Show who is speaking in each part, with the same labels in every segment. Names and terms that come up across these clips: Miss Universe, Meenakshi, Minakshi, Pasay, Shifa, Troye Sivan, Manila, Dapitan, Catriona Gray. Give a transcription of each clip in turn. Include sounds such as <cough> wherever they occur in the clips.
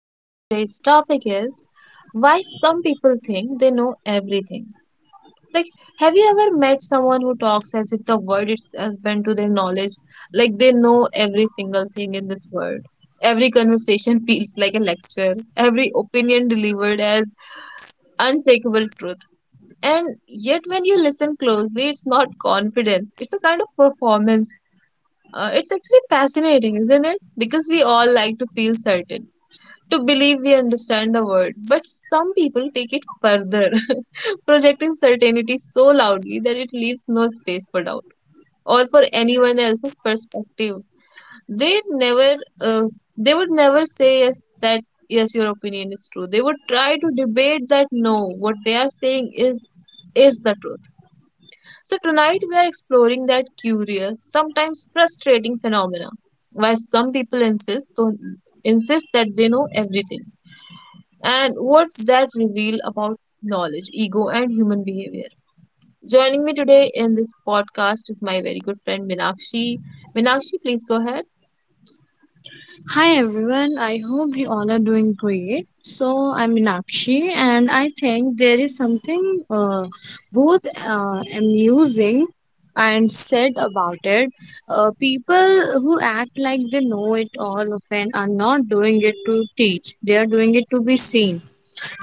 Speaker 1: and today's topic is why some people think they know. Have you ever met someone who talks as if the word is given to their knowledge, like they know every single word? Every conversation <laughs> feels like a lecture, every opinion delivered as unshakable. And yet when you listen closely, it's not confidence, it's a kind of performance. It's actually fascinating, isn't it? Because we all like to feel certain to believe we understand the world, but some people take it further, <laughs> projecting certainty so loudly that it leaves no space for doubt or for anyone else's perspective. They never, uh, they would never say yes that yes your opinion is true. They would try to debate that no, what they are saying is that. So tonight we are exploring that curious, sometimes frustrating phenomena. Why some people insist, don't, insist that they know and what that reveal about knowledge, ego, and human behavior. Joining me today in this podcast is my very good friend Minakshi. Minakshi, please go ahead.
Speaker 2: Hi everyone, I hope you all are doing great. So I'm Meenakshi and I think there is something both amusing and sad about it. People who act like they know it all often are not doing it to teach, they are doing it to be seen.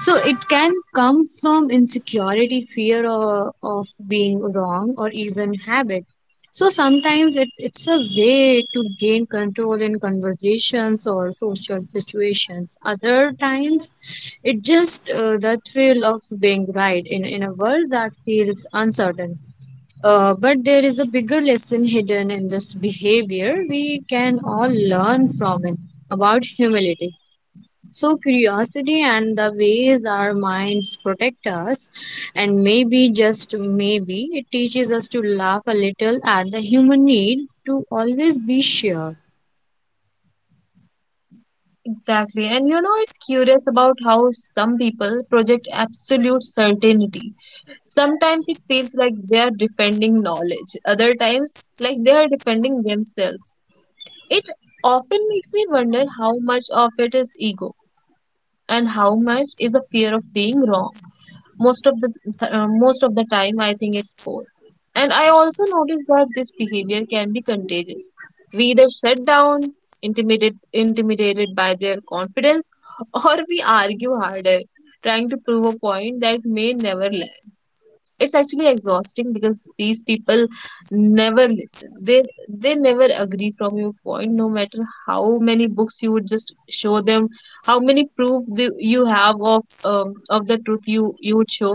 Speaker 2: So it can come from insecurity, fear of being wrong, or even habit. So sometimes it's a way to gain control in conversations or social situations. Other times, it just the thrill of being right in a world that feels uncertain. But there is a bigger lesson <laughs> hidden in this behavior. We can all learn from it about humility so, curiosity and the ways our minds protect us, and maybe just maybe it teaches us to laugh a little at the human need to always be sure.
Speaker 1: Exactly. And you know, it's curious about how some people project absolute certainty. Sometimes it feels like they are defending knowledge, other times, like they are defending themselves. It often makes me wonder how much of it is ego and how much is the fear of being wrong. Most most of the time I think it's both, and I also noticed that this behavior shut down, intimidated by their confidence, <laughs> or we argue harder, trying to prove a point that may never last. It's actually exhausting because these people never listen. They never agree from your point, no matter how many books you would just show them, how many proof you have of the truth you would show.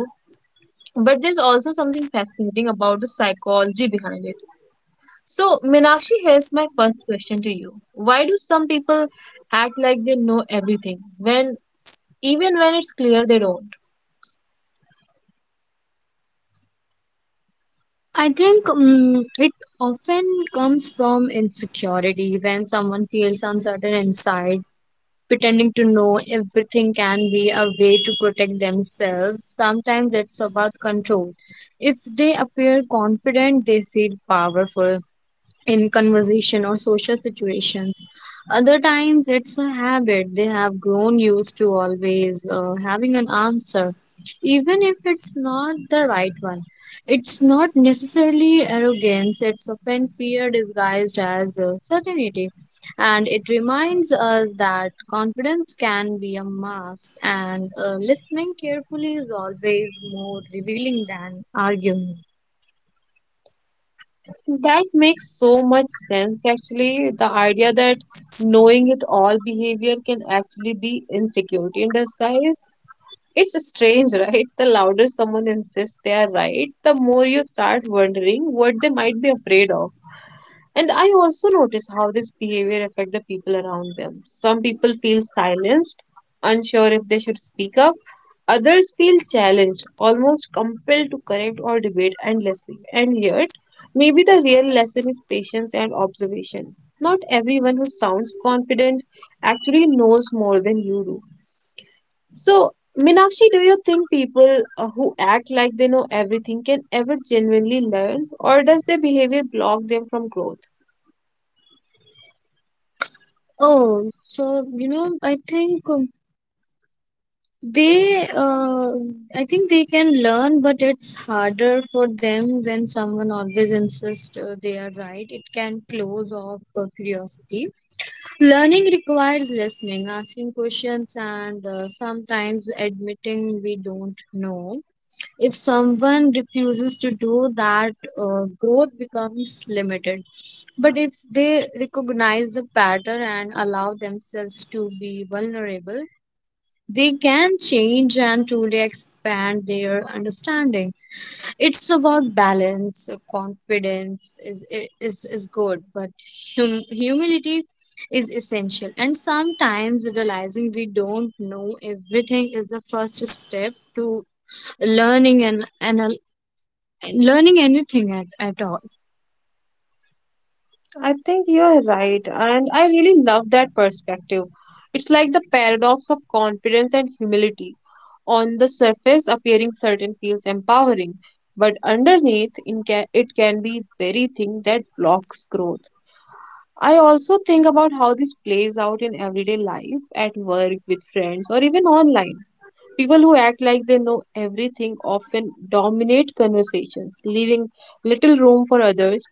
Speaker 1: But there's also something fascinating about the psychology behind it. So, Meenakshi, here's my first question to you. Why do some people act like they know everything when even when it's clear they don't?
Speaker 2: I think it often comes from insecurity when someone feels uncertain inside. Pretending to know everything can be a way to protect themselves. Sometimes it's about control. If they appear confident, they feel powerful in conversation or social situations. Other times it's a habit they have grown used to always having an answer, even if it's not the right one. It's not necessarily arrogance, it's often fear disguised as certainty. And it reminds us that confidence can be a mask, and listening carefully is always more revealing than arguing.
Speaker 1: That makes so much sense actually. The idea that knowing it all behavior can actually be insecurity in disguise. It's strange, right? The louder someone insists they are right, the more you start wondering what they might be afraid of. And I also notice how this behavior affect the people around them. Some people feel silenced, unsure if they should speak up. Others feel challenged, almost compelled to correct or debate endlessly. And yet, maybe the real lesson is patience and observation. Not everyone who sounds confident actually knows more than you do. So, Minakshi, do you think people who act like they know everything can ever genuinely learn, or does their behavior block them from growth?
Speaker 2: Oh, so you know, They, uh, I think they can learn, but it's harder for them when someone always insists they are right. It can close off curiosity. Learning requires listening, asking questions, and sometimes admitting we don't know. If someone refuses to do that, growth becomes limited. But if they recognize the pattern and allow themselves to be vulnerable, they can change and truly expand their understanding. It's about balance. Confidence is I- is good, but humility is essential, and sometimes realizing we don't know everything is the first step to learning and learning anything at all.
Speaker 1: I think you're right, and I really love that perspective. It's like the paradox of confidence and humility. On the surface, appearing certain feels empowering, but underneath, it can be very thing that blocks growth. I also think about how this plays out in everyday life, at work, with friends, or even online. People who act like they know everything often dominate conversations, leaving little room for others'.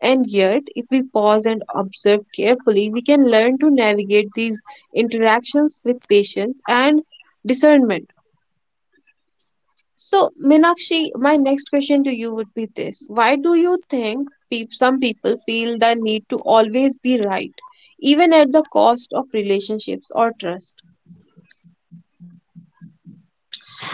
Speaker 1: And yet, if we pause and observe carefully, we can learn to navigate these interactions with patience and discernment. So, Minakshi, my next question to you would be this: why do you think peop some people feel the need to always be right, even at the cost of relationships or trust?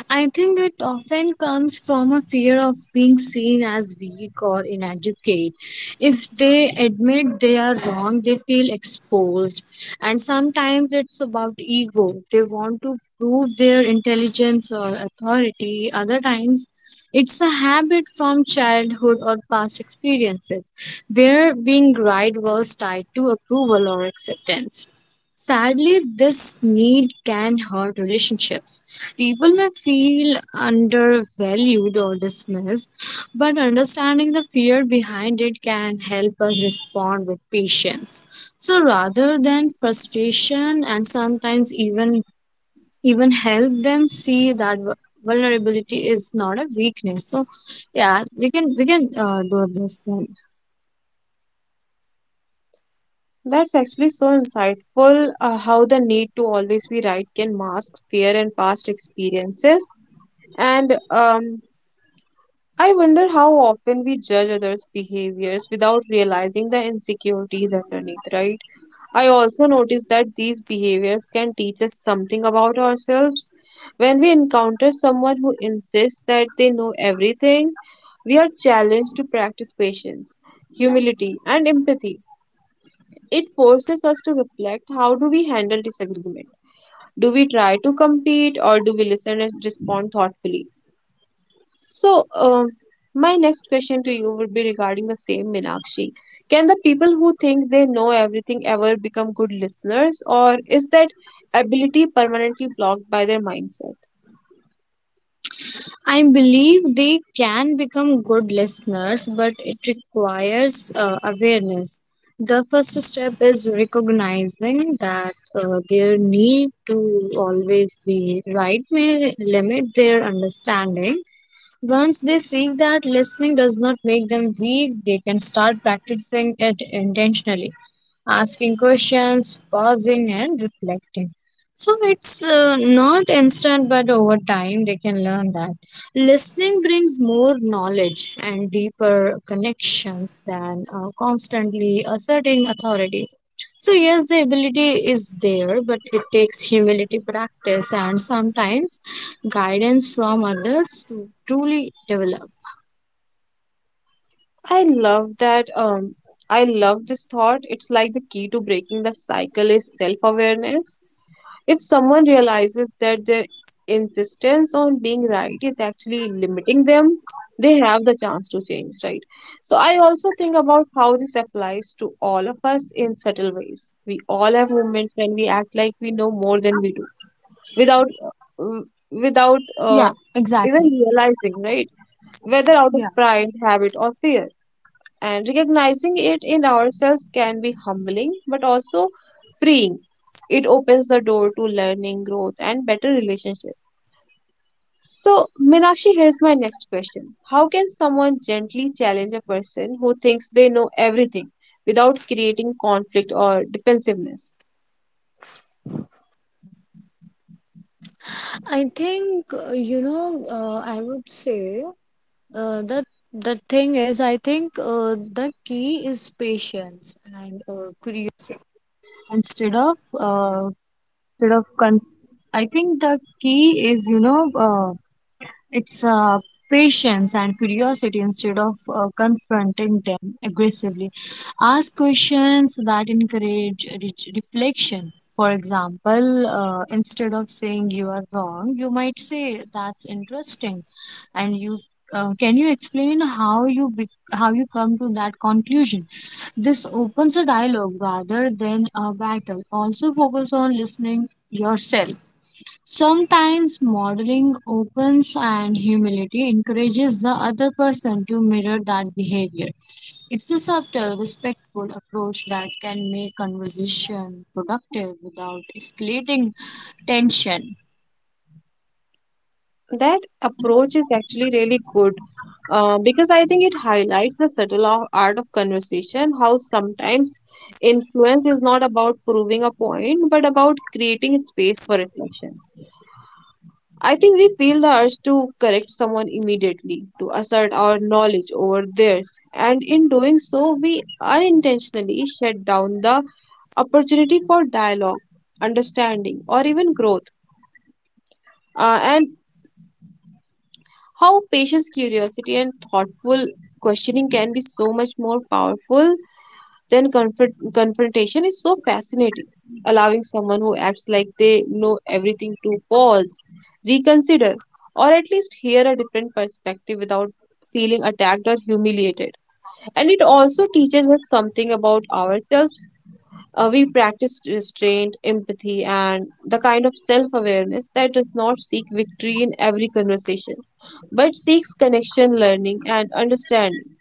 Speaker 2: I think it often comes from a fear of being seen as weak or inadequate. If they admit they are wrong, they feel exposed. And sometimes it's about ego. They want to prove their intelligence or authority. Other times, it's a habit from childhood or past experiences where being right was tied to approval or acceptance. Sadly, this need can hurt relationships. People may feel undervalued or dismissed, but understanding the fear behind it can help us respond with patience. So rather than frustration, and sometimes even help them see that vulnerability is not a weakness. So yeah, we can do this then.
Speaker 1: That's actually so insightful, how the need to always be right can mask fear and past experiences. And I wonder how often we judge others' behaviors without realizing the insecurities underneath, right? I also notice that these behaviors can teach us something about ourselves. When we encounter someone who insists that they know everything, we are challenged to practice patience, humility, and empathy. It forces us to reflect: how do we handle disagreement? Do we try to compete or do we listen and respond thoughtfully? So, my next question to you would be regarding the same, Meenakshi. Can the people who think they know everything ever become good listeners, or is that ability permanently blocked by their mindset?
Speaker 2: I believe they can become good listeners, but it requires awareness. The first step is recognizing that their need to always be right may limit their understanding. Once they see that listening does not make them weak, they can start practicing it intentionally, asking questions, pausing, and reflecting. So it's not instant, but over time they can learn that. Listening brings more knowledge and deeper connections than constantly asserting authority. So, yes, the ability is there, but it takes humility, practice, and sometimes guidance from others to truly develop.
Speaker 1: I love that. I love this thought. It's like the key to breaking the cycle is self-awareness. If someone realizes that their insistence on being right is actually limiting them, they have the chance to change, right? So, I also think about how this applies to all of us in subtle ways. We all have moments when we act like we know more than we do, without, uh, without,
Speaker 2: Yeah, exactly.
Speaker 1: right? Whether out of
Speaker 2: Yeah.
Speaker 1: pride or fear. And recognizing it in ourselves can be humbling, but also freeing. It opens the door to learning, growth, and better relationships. So, Meenakshi, here's my next. How can someone gently challenge a person who thinks they know everything without creating conflict or defensiveness?
Speaker 2: con- I think the key is, you know, it's patience and curiosity instead of confronting them aggressively. Ask questions that encourage reflection. For example, instead of saying you are wrong, you might say that's interesting, and you can you explain how you come to that conclusion? This opens a dialogue rather than a battle. Also, focus on listening yourself. Sometimes modeling opens and humility encourages the other person to mirror that behavior. It's a subtle, respectful approach that can make conversation productive without escalating tension.
Speaker 1: That approach is actually really good, because I think it highlights the subtle art of conversation, how sometimes influence is not about proving a point but about creating space for reflection. I think we feel the urge to correct someone immediately, to assert our knowledge over theirs, and in doing so, we unintentionally shut down the opportunity for dialogue, understanding, or even growth. And how patience, curiosity, and thoughtful questioning can be so much more powerful then confrontation is so fascinating, allowing someone who acts like they know everything to pause, reconsider, or at least hear a different perspective without feeling attacked or humiliated. And it also teaches us something about ourselves. We practice restraint, empathy, and the kind of self awareness that does not seek victory in every conversation, but seeks connection, learning, and understanding.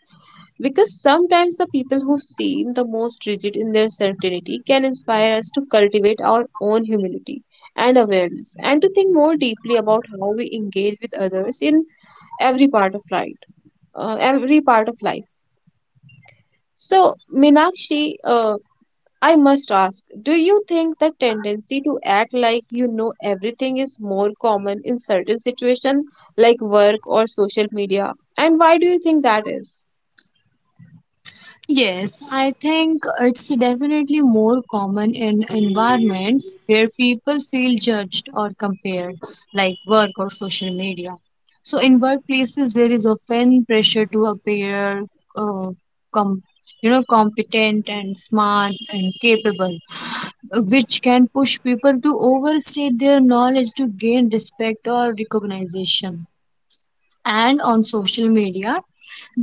Speaker 1: Because sometimes the people who seem the most rigid in their certainty can inspire us to cultivate our own humility and awareness and to think more deeply about how we engage with others in every part of life. Every part of life. So, Minakshi, I must ask, do you think the tendency to act like you know everything is more common in certain situations like work or social media? And why do you think that is?
Speaker 2: Yes, I think it's definitely more common in environments where people feel judged or compared, like work or social media. So, in workplaces, there is often pressure to appear, uh, com- you know, competent and smart and capable, which can push people to overstate their knowledge to gain respect or recognition. And on social media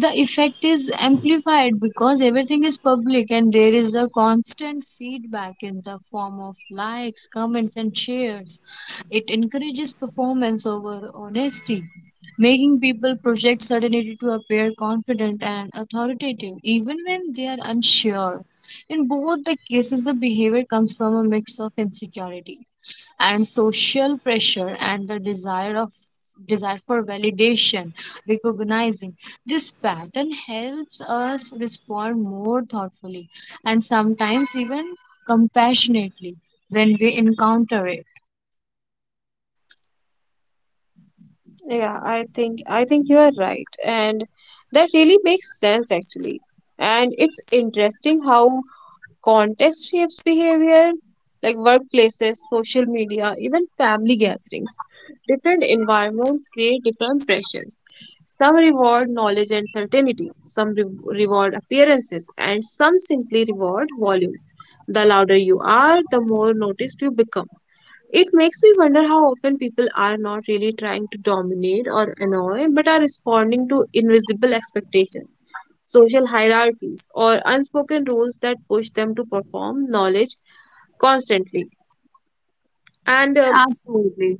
Speaker 2: the effect is amplified because everything is public and there is a constant feedback in the form of likes, comments, and shares. It encourages performance over honesty, making people project certainty to appear confident and authoritative even when they are unsure. In both the cases, the behavior comes from a mix of insecurity and social pressure and the desire of desire for validation. Recognizing this pattern helps us respond more thoughtfully, and sometimes even compassionately, when we encounter it.
Speaker 1: Yeah, I think you are right, and that really makes sense actually. And it's interesting how context shapes behavior, like workplaces, social media, even family gatherings. Different environments create different pressure. Some reward knowledge and certainty, some re reward appearances, and some simply reward volume. The louder you are, the more noticed you become. It makes me wonder how often people are not really trying to dominate or annoy, but are responding to invisible expectations, social hierarchies, or unspoken rules that push them to perform knowledge constantly. And
Speaker 2: Absolutely.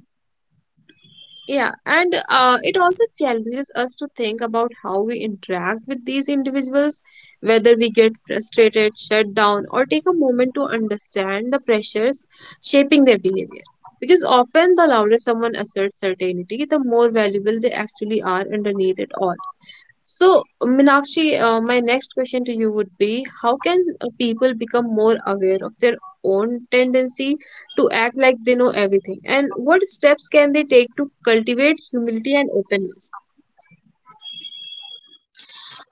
Speaker 1: Yeah, and it also challenges us to think about how we interact with these individuals, whether we get frustrated, shut down, or take a moment to understand the pressures shaping their behavior. Because often, the louder someone asserts certainty, the more valuable they actually are underneath it all. So, Meenakshi, my next question to you would be, how can people become more aware of their own tendency to act like they know everything? And what steps can they take to cultivate humility and openness?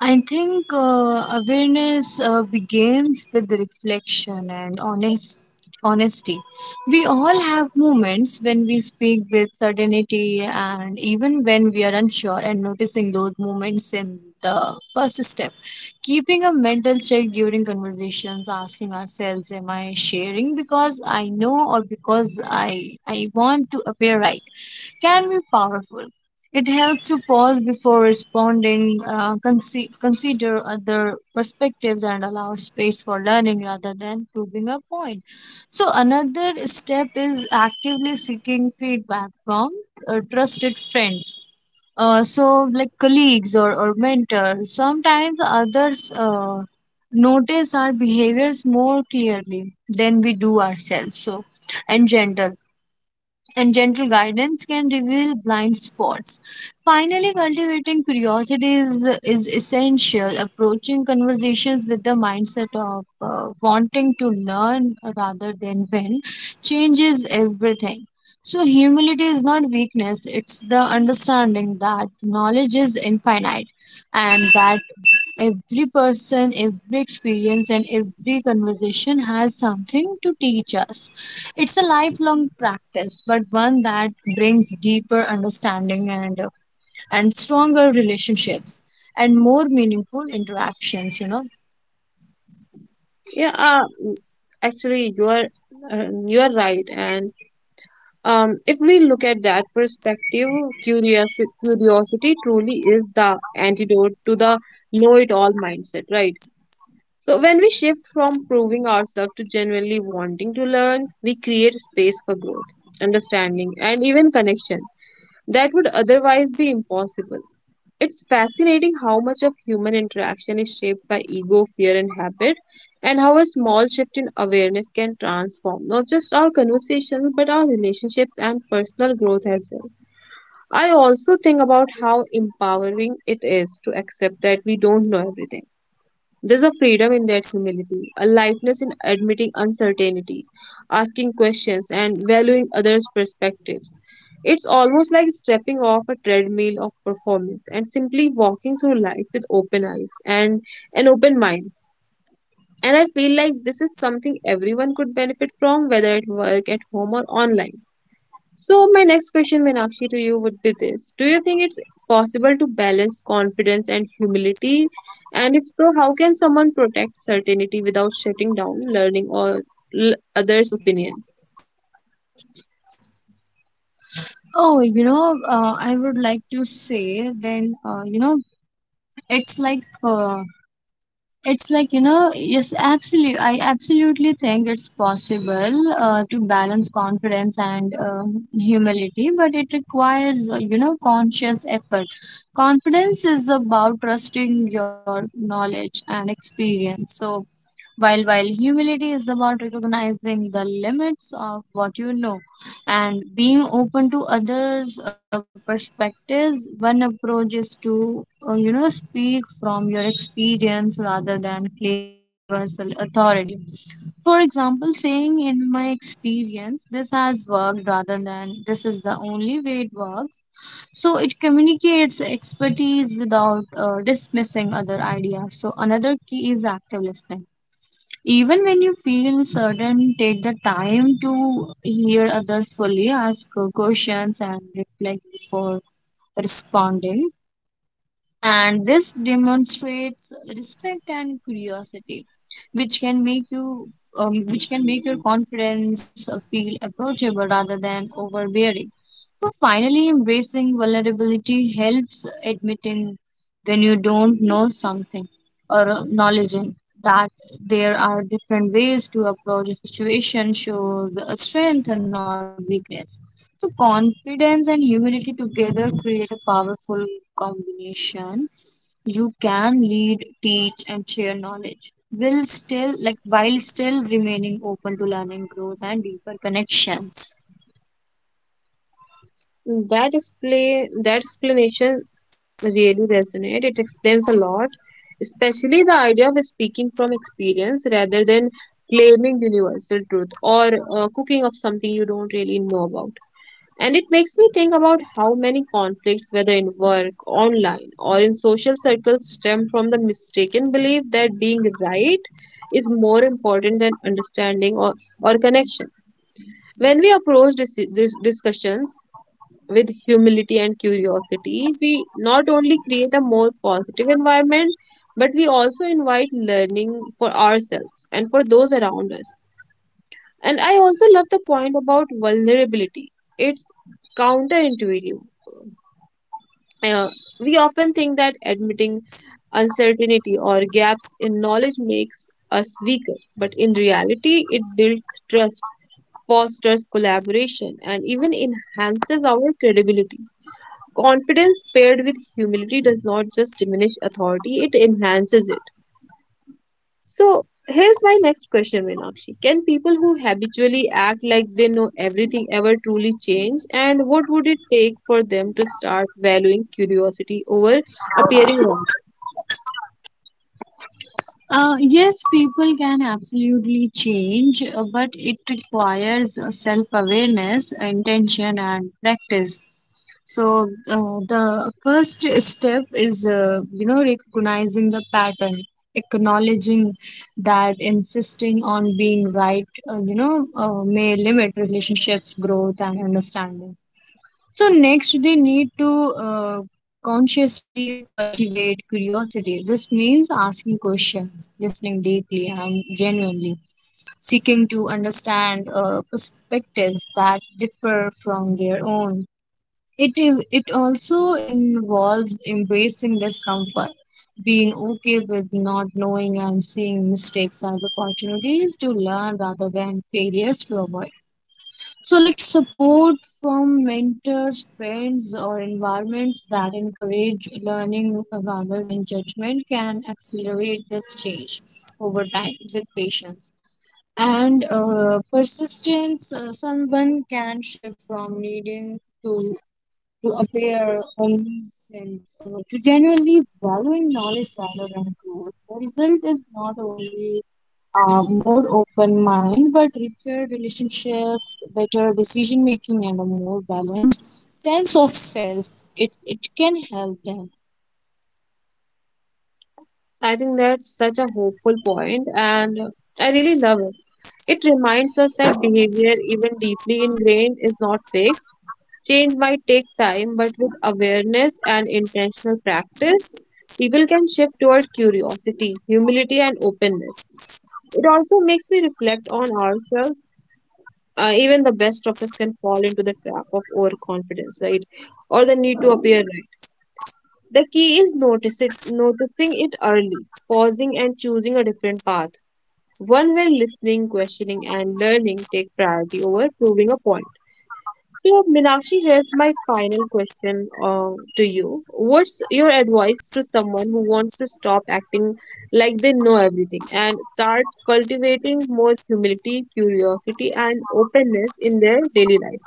Speaker 2: I think awareness begins with reflection and honesty. We all have moments when we speak with certainty and even when we are unsure, and noticing those moments in the first step. Keeping a mental check during conversations, asking ourselves, am I sharing because I know or because I want to appear right? Can be powerful. It helps to pause before responding, consider other perspectives, and allow space for learning rather than proving a point. So, another step is actively seeking feedback from trusted friends. So, like colleagues or mentors, sometimes others notice our behaviors more clearly than we do ourselves. So, and gentle and gentle guidance can reveal blind spots. Finally, cultivating curiosity is essential. Approaching conversations with the mindset of wanting to learn rather than win changes everything. So, humility is not weakness, it's the understanding that knowledge is infinite and that every person, every experience, and every conversation has something to teach us. It's a lifelong practice, but one that brings deeper understanding and stronger relationships and more meaningful interactions, you know.
Speaker 1: Yeah, actually, you are right. And if we look at that perspective, curiosity truly is the antidote to the know-it-all mindset, right? So, when we shift from proving ourselves to genuinely wanting to learn, we create space for growth, understanding, and even connection that would otherwise be impossible. It's fascinating how much of human interaction is shaped by ego, fear, and habit, and how a small shift in awareness can transform not just our conversations but our relationships and personal growth as well. I also think about how empowering it is to accept that we don't know everything. There's a freedom in that humility, a lightness in admitting uncertainty, asking questions, and valuing others' perspectives. It's almost like stepping off a treadmill of performance and simply walking through life with open eyes and an open mind. And I feel like this is something everyone could benefit from, whether at work, at home, or online. So, my next question, Meenakshi, to you would be this: do you think it's possible to balance confidence and humility? And if so, how can someone protect certainty without shutting down learning or others' opinion?
Speaker 2: Oh, you know, I would like to say then, it's uh, it's like, you know, yes, absolutely. I absolutely think it's possible to balance confidence and humility, but it requires, you know, conscious effort. Confidence is about trusting your knowledge and experience. So, while humility is about recognizing the limits of what you know and being open to others' perspectives. One approach is to you know, speak from your experience rather than claiming universal authority. For example, saying in my experience this has worked rather than this is the only way it works. So it communicates expertise without dismissing other ideas. So another key is active listening. Even when you feel certain, take the time to hear others fully, ask questions, and reflect before responding. And this demonstrates respect and curiosity, which can make your confidence feel approachable rather than overbearing. So finally, embracing vulnerability helps, admitting when you don't know something or acknowledging that there are different ways to approach a situation shows a strength and not weakness. So confidence and humility together create a powerful combination. You can lead, teach, and share knowledge will still like while still remaining open to learning, growth, and deeper connections.
Speaker 1: That explanation really resonates. It explains a lot, especially the idea of speaking from experience rather than claiming universal truth or cooking up something you don't really know about. And it makes me think about how many conflicts, whether in work, online, or in social circles, stem from the mistaken belief that being right is more important than understanding or connection. When we approach discussions with humility and curiosity, we not only create a more positive environment, but we also invite learning for ourselves and for those around us. And I also love the point about vulnerability. It's counterintuitive Uh, we often think that admitting uncertainty or gaps in knowledge makes us weaker, but in reality, it builds trust, fosters collaboration, and even enhances our credibility. Confidence paired with humility does not just diminish authority, it enhances it. So here's my next question, Meenakshi. Can people who habitually act like they know everything ever truly change? And what would it take for them to start valuing curiosity over appearing right?
Speaker 2: Yes, people can absolutely change, but it requires self-awareness, intention, and practice. So the first step is you know, recognizing the pattern, acknowledging that insisting on being right may limit relationships, growth, and understanding. So next, they need to consciously cultivate curiosity. This means asking questions, listening deeply and genuinely, seeking to understand perspectives that differ from their own. It also involves embracing discomfort, being okay with not knowing and seeing mistakes as opportunities to learn rather than failures to avoid. So, like support from mentors, friends, or environments that encourage learning rather than judgment can accelerate this change over time with patience. And persistence, someone can shift from to, to appear omniscient to genuinely valuing knowledge rather than growth. The result is not only more open mind, but richer relationships, better decision making, and a more balanced sense of self. It can help them.
Speaker 1: I think that's such a hopeful point, and I really love it. It reminds us that behavior, even deeply ingrained, is not fixed. Change might take time, but with awareness and intentional practice, people can shift toward curiosity, humility, and openness. It also makes me reflect on ourselves. Even the best of us can fall into the trap of overconfidence, right? Or the need to appear right. The key is noticing it early, pausing and choosing a different path. One where listening, questioning, and learning take priority over proving a point. So, Meenakshi, here's my final question to you. What's your advice to someone who wants to stop acting like they know everything and start cultivating more humility, curiosity, and openness in their daily life?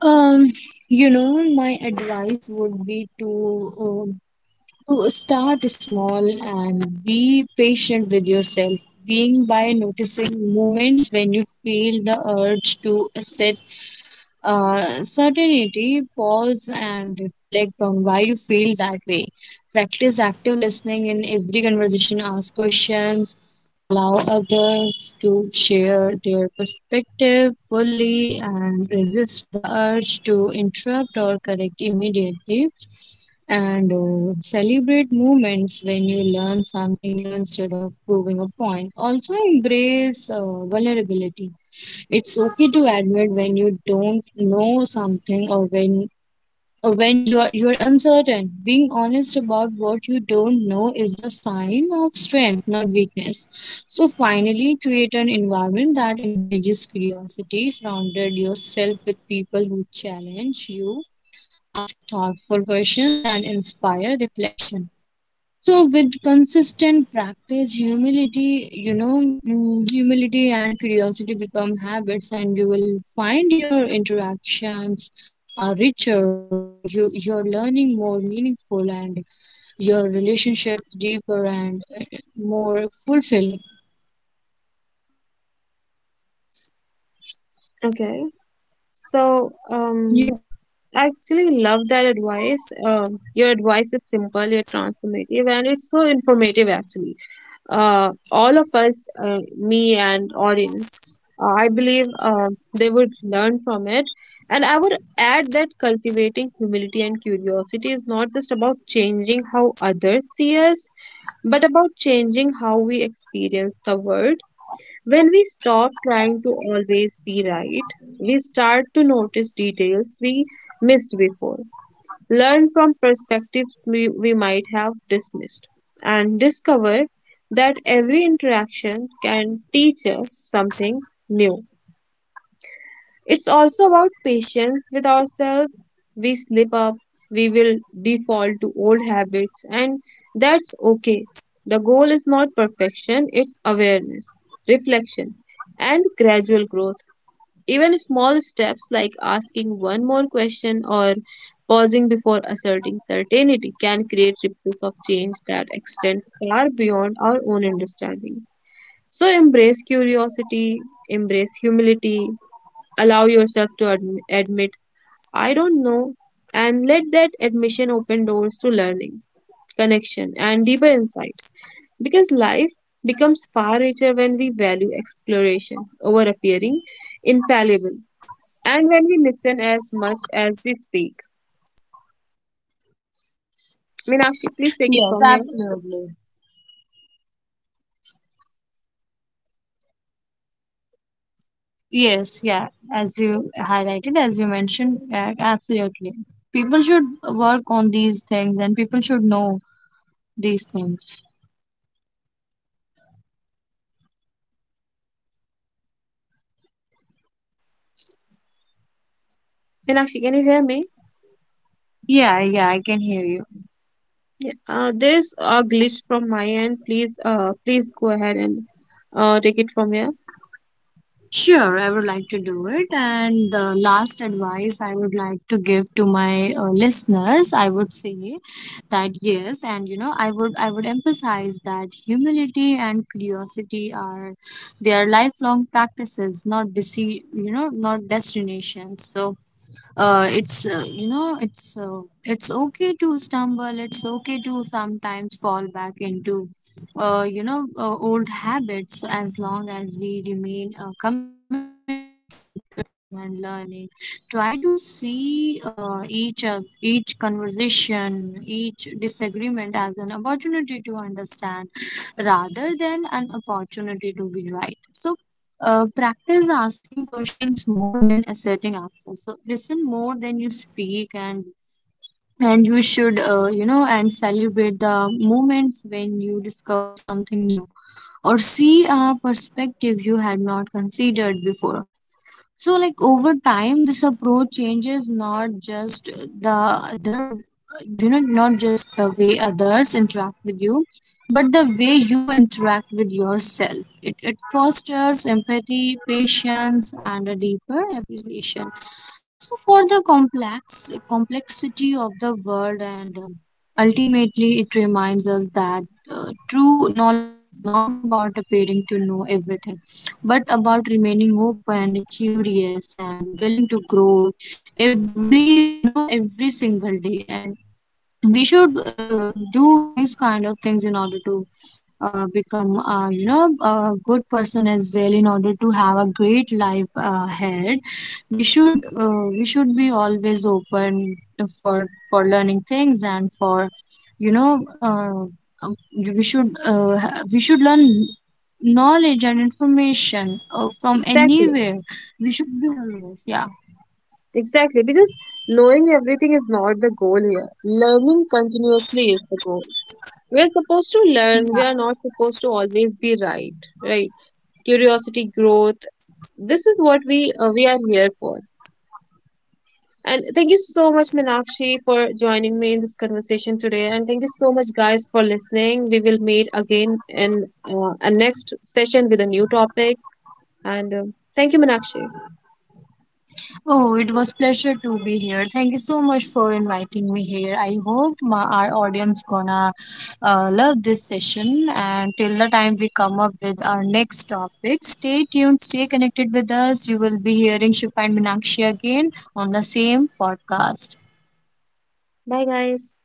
Speaker 2: Um, you know, my advice would be to start small and be patient with yourself. Being by noticing moments when you feel the urge to accept certainty, pause and reflect on why you feel that way. Practice active listening in every conversation, ask questions, allow others to share their perspective fully, and resist the urge to interrupt or correct immediately. And celebrate moments when you learn something new instead of proving a point. Also, embrace vulnerability. It's okay to admit when you don't know something or when you are uncertain. Being honest about what you don't know is a sign of strength, not weakness. So finally, create an environment that encourages curiosity. Surround yourself with people who challenge you, ask thoughtful questions, and inspire reflection. So, with consistent practice, humility, humility and curiosity become habits, and you will find your interactions are richer. You're learning more meaningful, and your relationships deeper and more fulfilling.
Speaker 1: Okay. So, um,
Speaker 2: Yeah.
Speaker 1: I actually love that advice. Your advice is simple, yet transformative, and it's so informative, actually. All of us, me and audience, I believe they would learn from it. And I would add that cultivating humility and curiosity is not just about changing how others see us, but about changing how we experience the world. When we stop trying to always be right, we start to notice details we missed before, learn from perspectives we might have dismissed, and discover that every interaction can teach us something new. It's also about patience with ourselves. We slip up, we will default to old habits, and that's okay. The goal is not perfection, it's awareness, reflection, and gradual growth. Even small steps like asking one more question or pausing before asserting certainty can create ripples of change that extend far beyond our own understanding. So embrace curiosity, embrace humility, allow yourself to admit, I don't know, and let that admission open doors to learning, connection, and deeper insight. Because life becomes far richer when we value exploration over appearing infallible, and when we listen as much as we speak. Meenakshi, please take it
Speaker 2: Yes,
Speaker 1: from here.
Speaker 2: absolutely. Yes, yeah. As you highlighted, as you mentioned, yeah, absolutely. People should work on these things and people should know these things.
Speaker 1: Meenakshi, can you hear me?
Speaker 2: Yeah, yeah, I can hear you.
Speaker 1: Yeah. There's a glitch from my end. Please, please go ahead and take it from here.
Speaker 2: Sure, I would like to do it. And the last advice I would like to give to my listeners, I would say that yes, and you know, I would emphasize that humility and curiosity are they are lifelong practices, not desi- you know, not destinations. So, it's okay to stumble. It's okay to sometimes fall back into old habits, as long as we remain committed to noticing and learning. Try to see each conversation, each disagreement as an opportunity to understand rather than an opportunity to be right. So. Practice asking questions more than asserting answers. So listen more than you speak, and you should you know, and celebrate the moments when you discover something new or see a perspective you had not considered before. So, like over time, this approach changes not just the other, you know, not just the way others interact with you, but the way you interact with yourself. It fosters empathy, patience, and a deeper appreciation. So, for the complexity of the world, and ultimately, it reminds us that true knowledge is not about appearing to know everything, but about remaining open, curious, and willing to grow every, you know, every single day. And we should do these kind of things in order to become you know, a good person as well, in order to have a great life ahead. We should be always open for learning things and for you know uh, um, we should learn knowledge and information from
Speaker 1: Exactly,
Speaker 2: anywhere. We should be always, yeah.
Speaker 1: exactly. Because knowing everything is not the goal here. Learning continuously is the goal. We are supposed to learn. We are
Speaker 2: Yeah.
Speaker 1: not supposed to always be right. Right. Curiosity, growth. This is what we are here for. And thank you so much, Minakshi, for joining me in this conversation today. And thank you so much, guys, for listening. We will meet again in a next session with a new topic. And um, thank you, Minakshi.
Speaker 2: Oh, it was pleasure to be here. Thank you so much for inviting me here. I hope our audience gonna love this session. And till the time we come up with our next topic, stay tuned, stay connected with us. You will be hearing Shifa and Minakshi again on the same podcast.
Speaker 1: Bye, guys.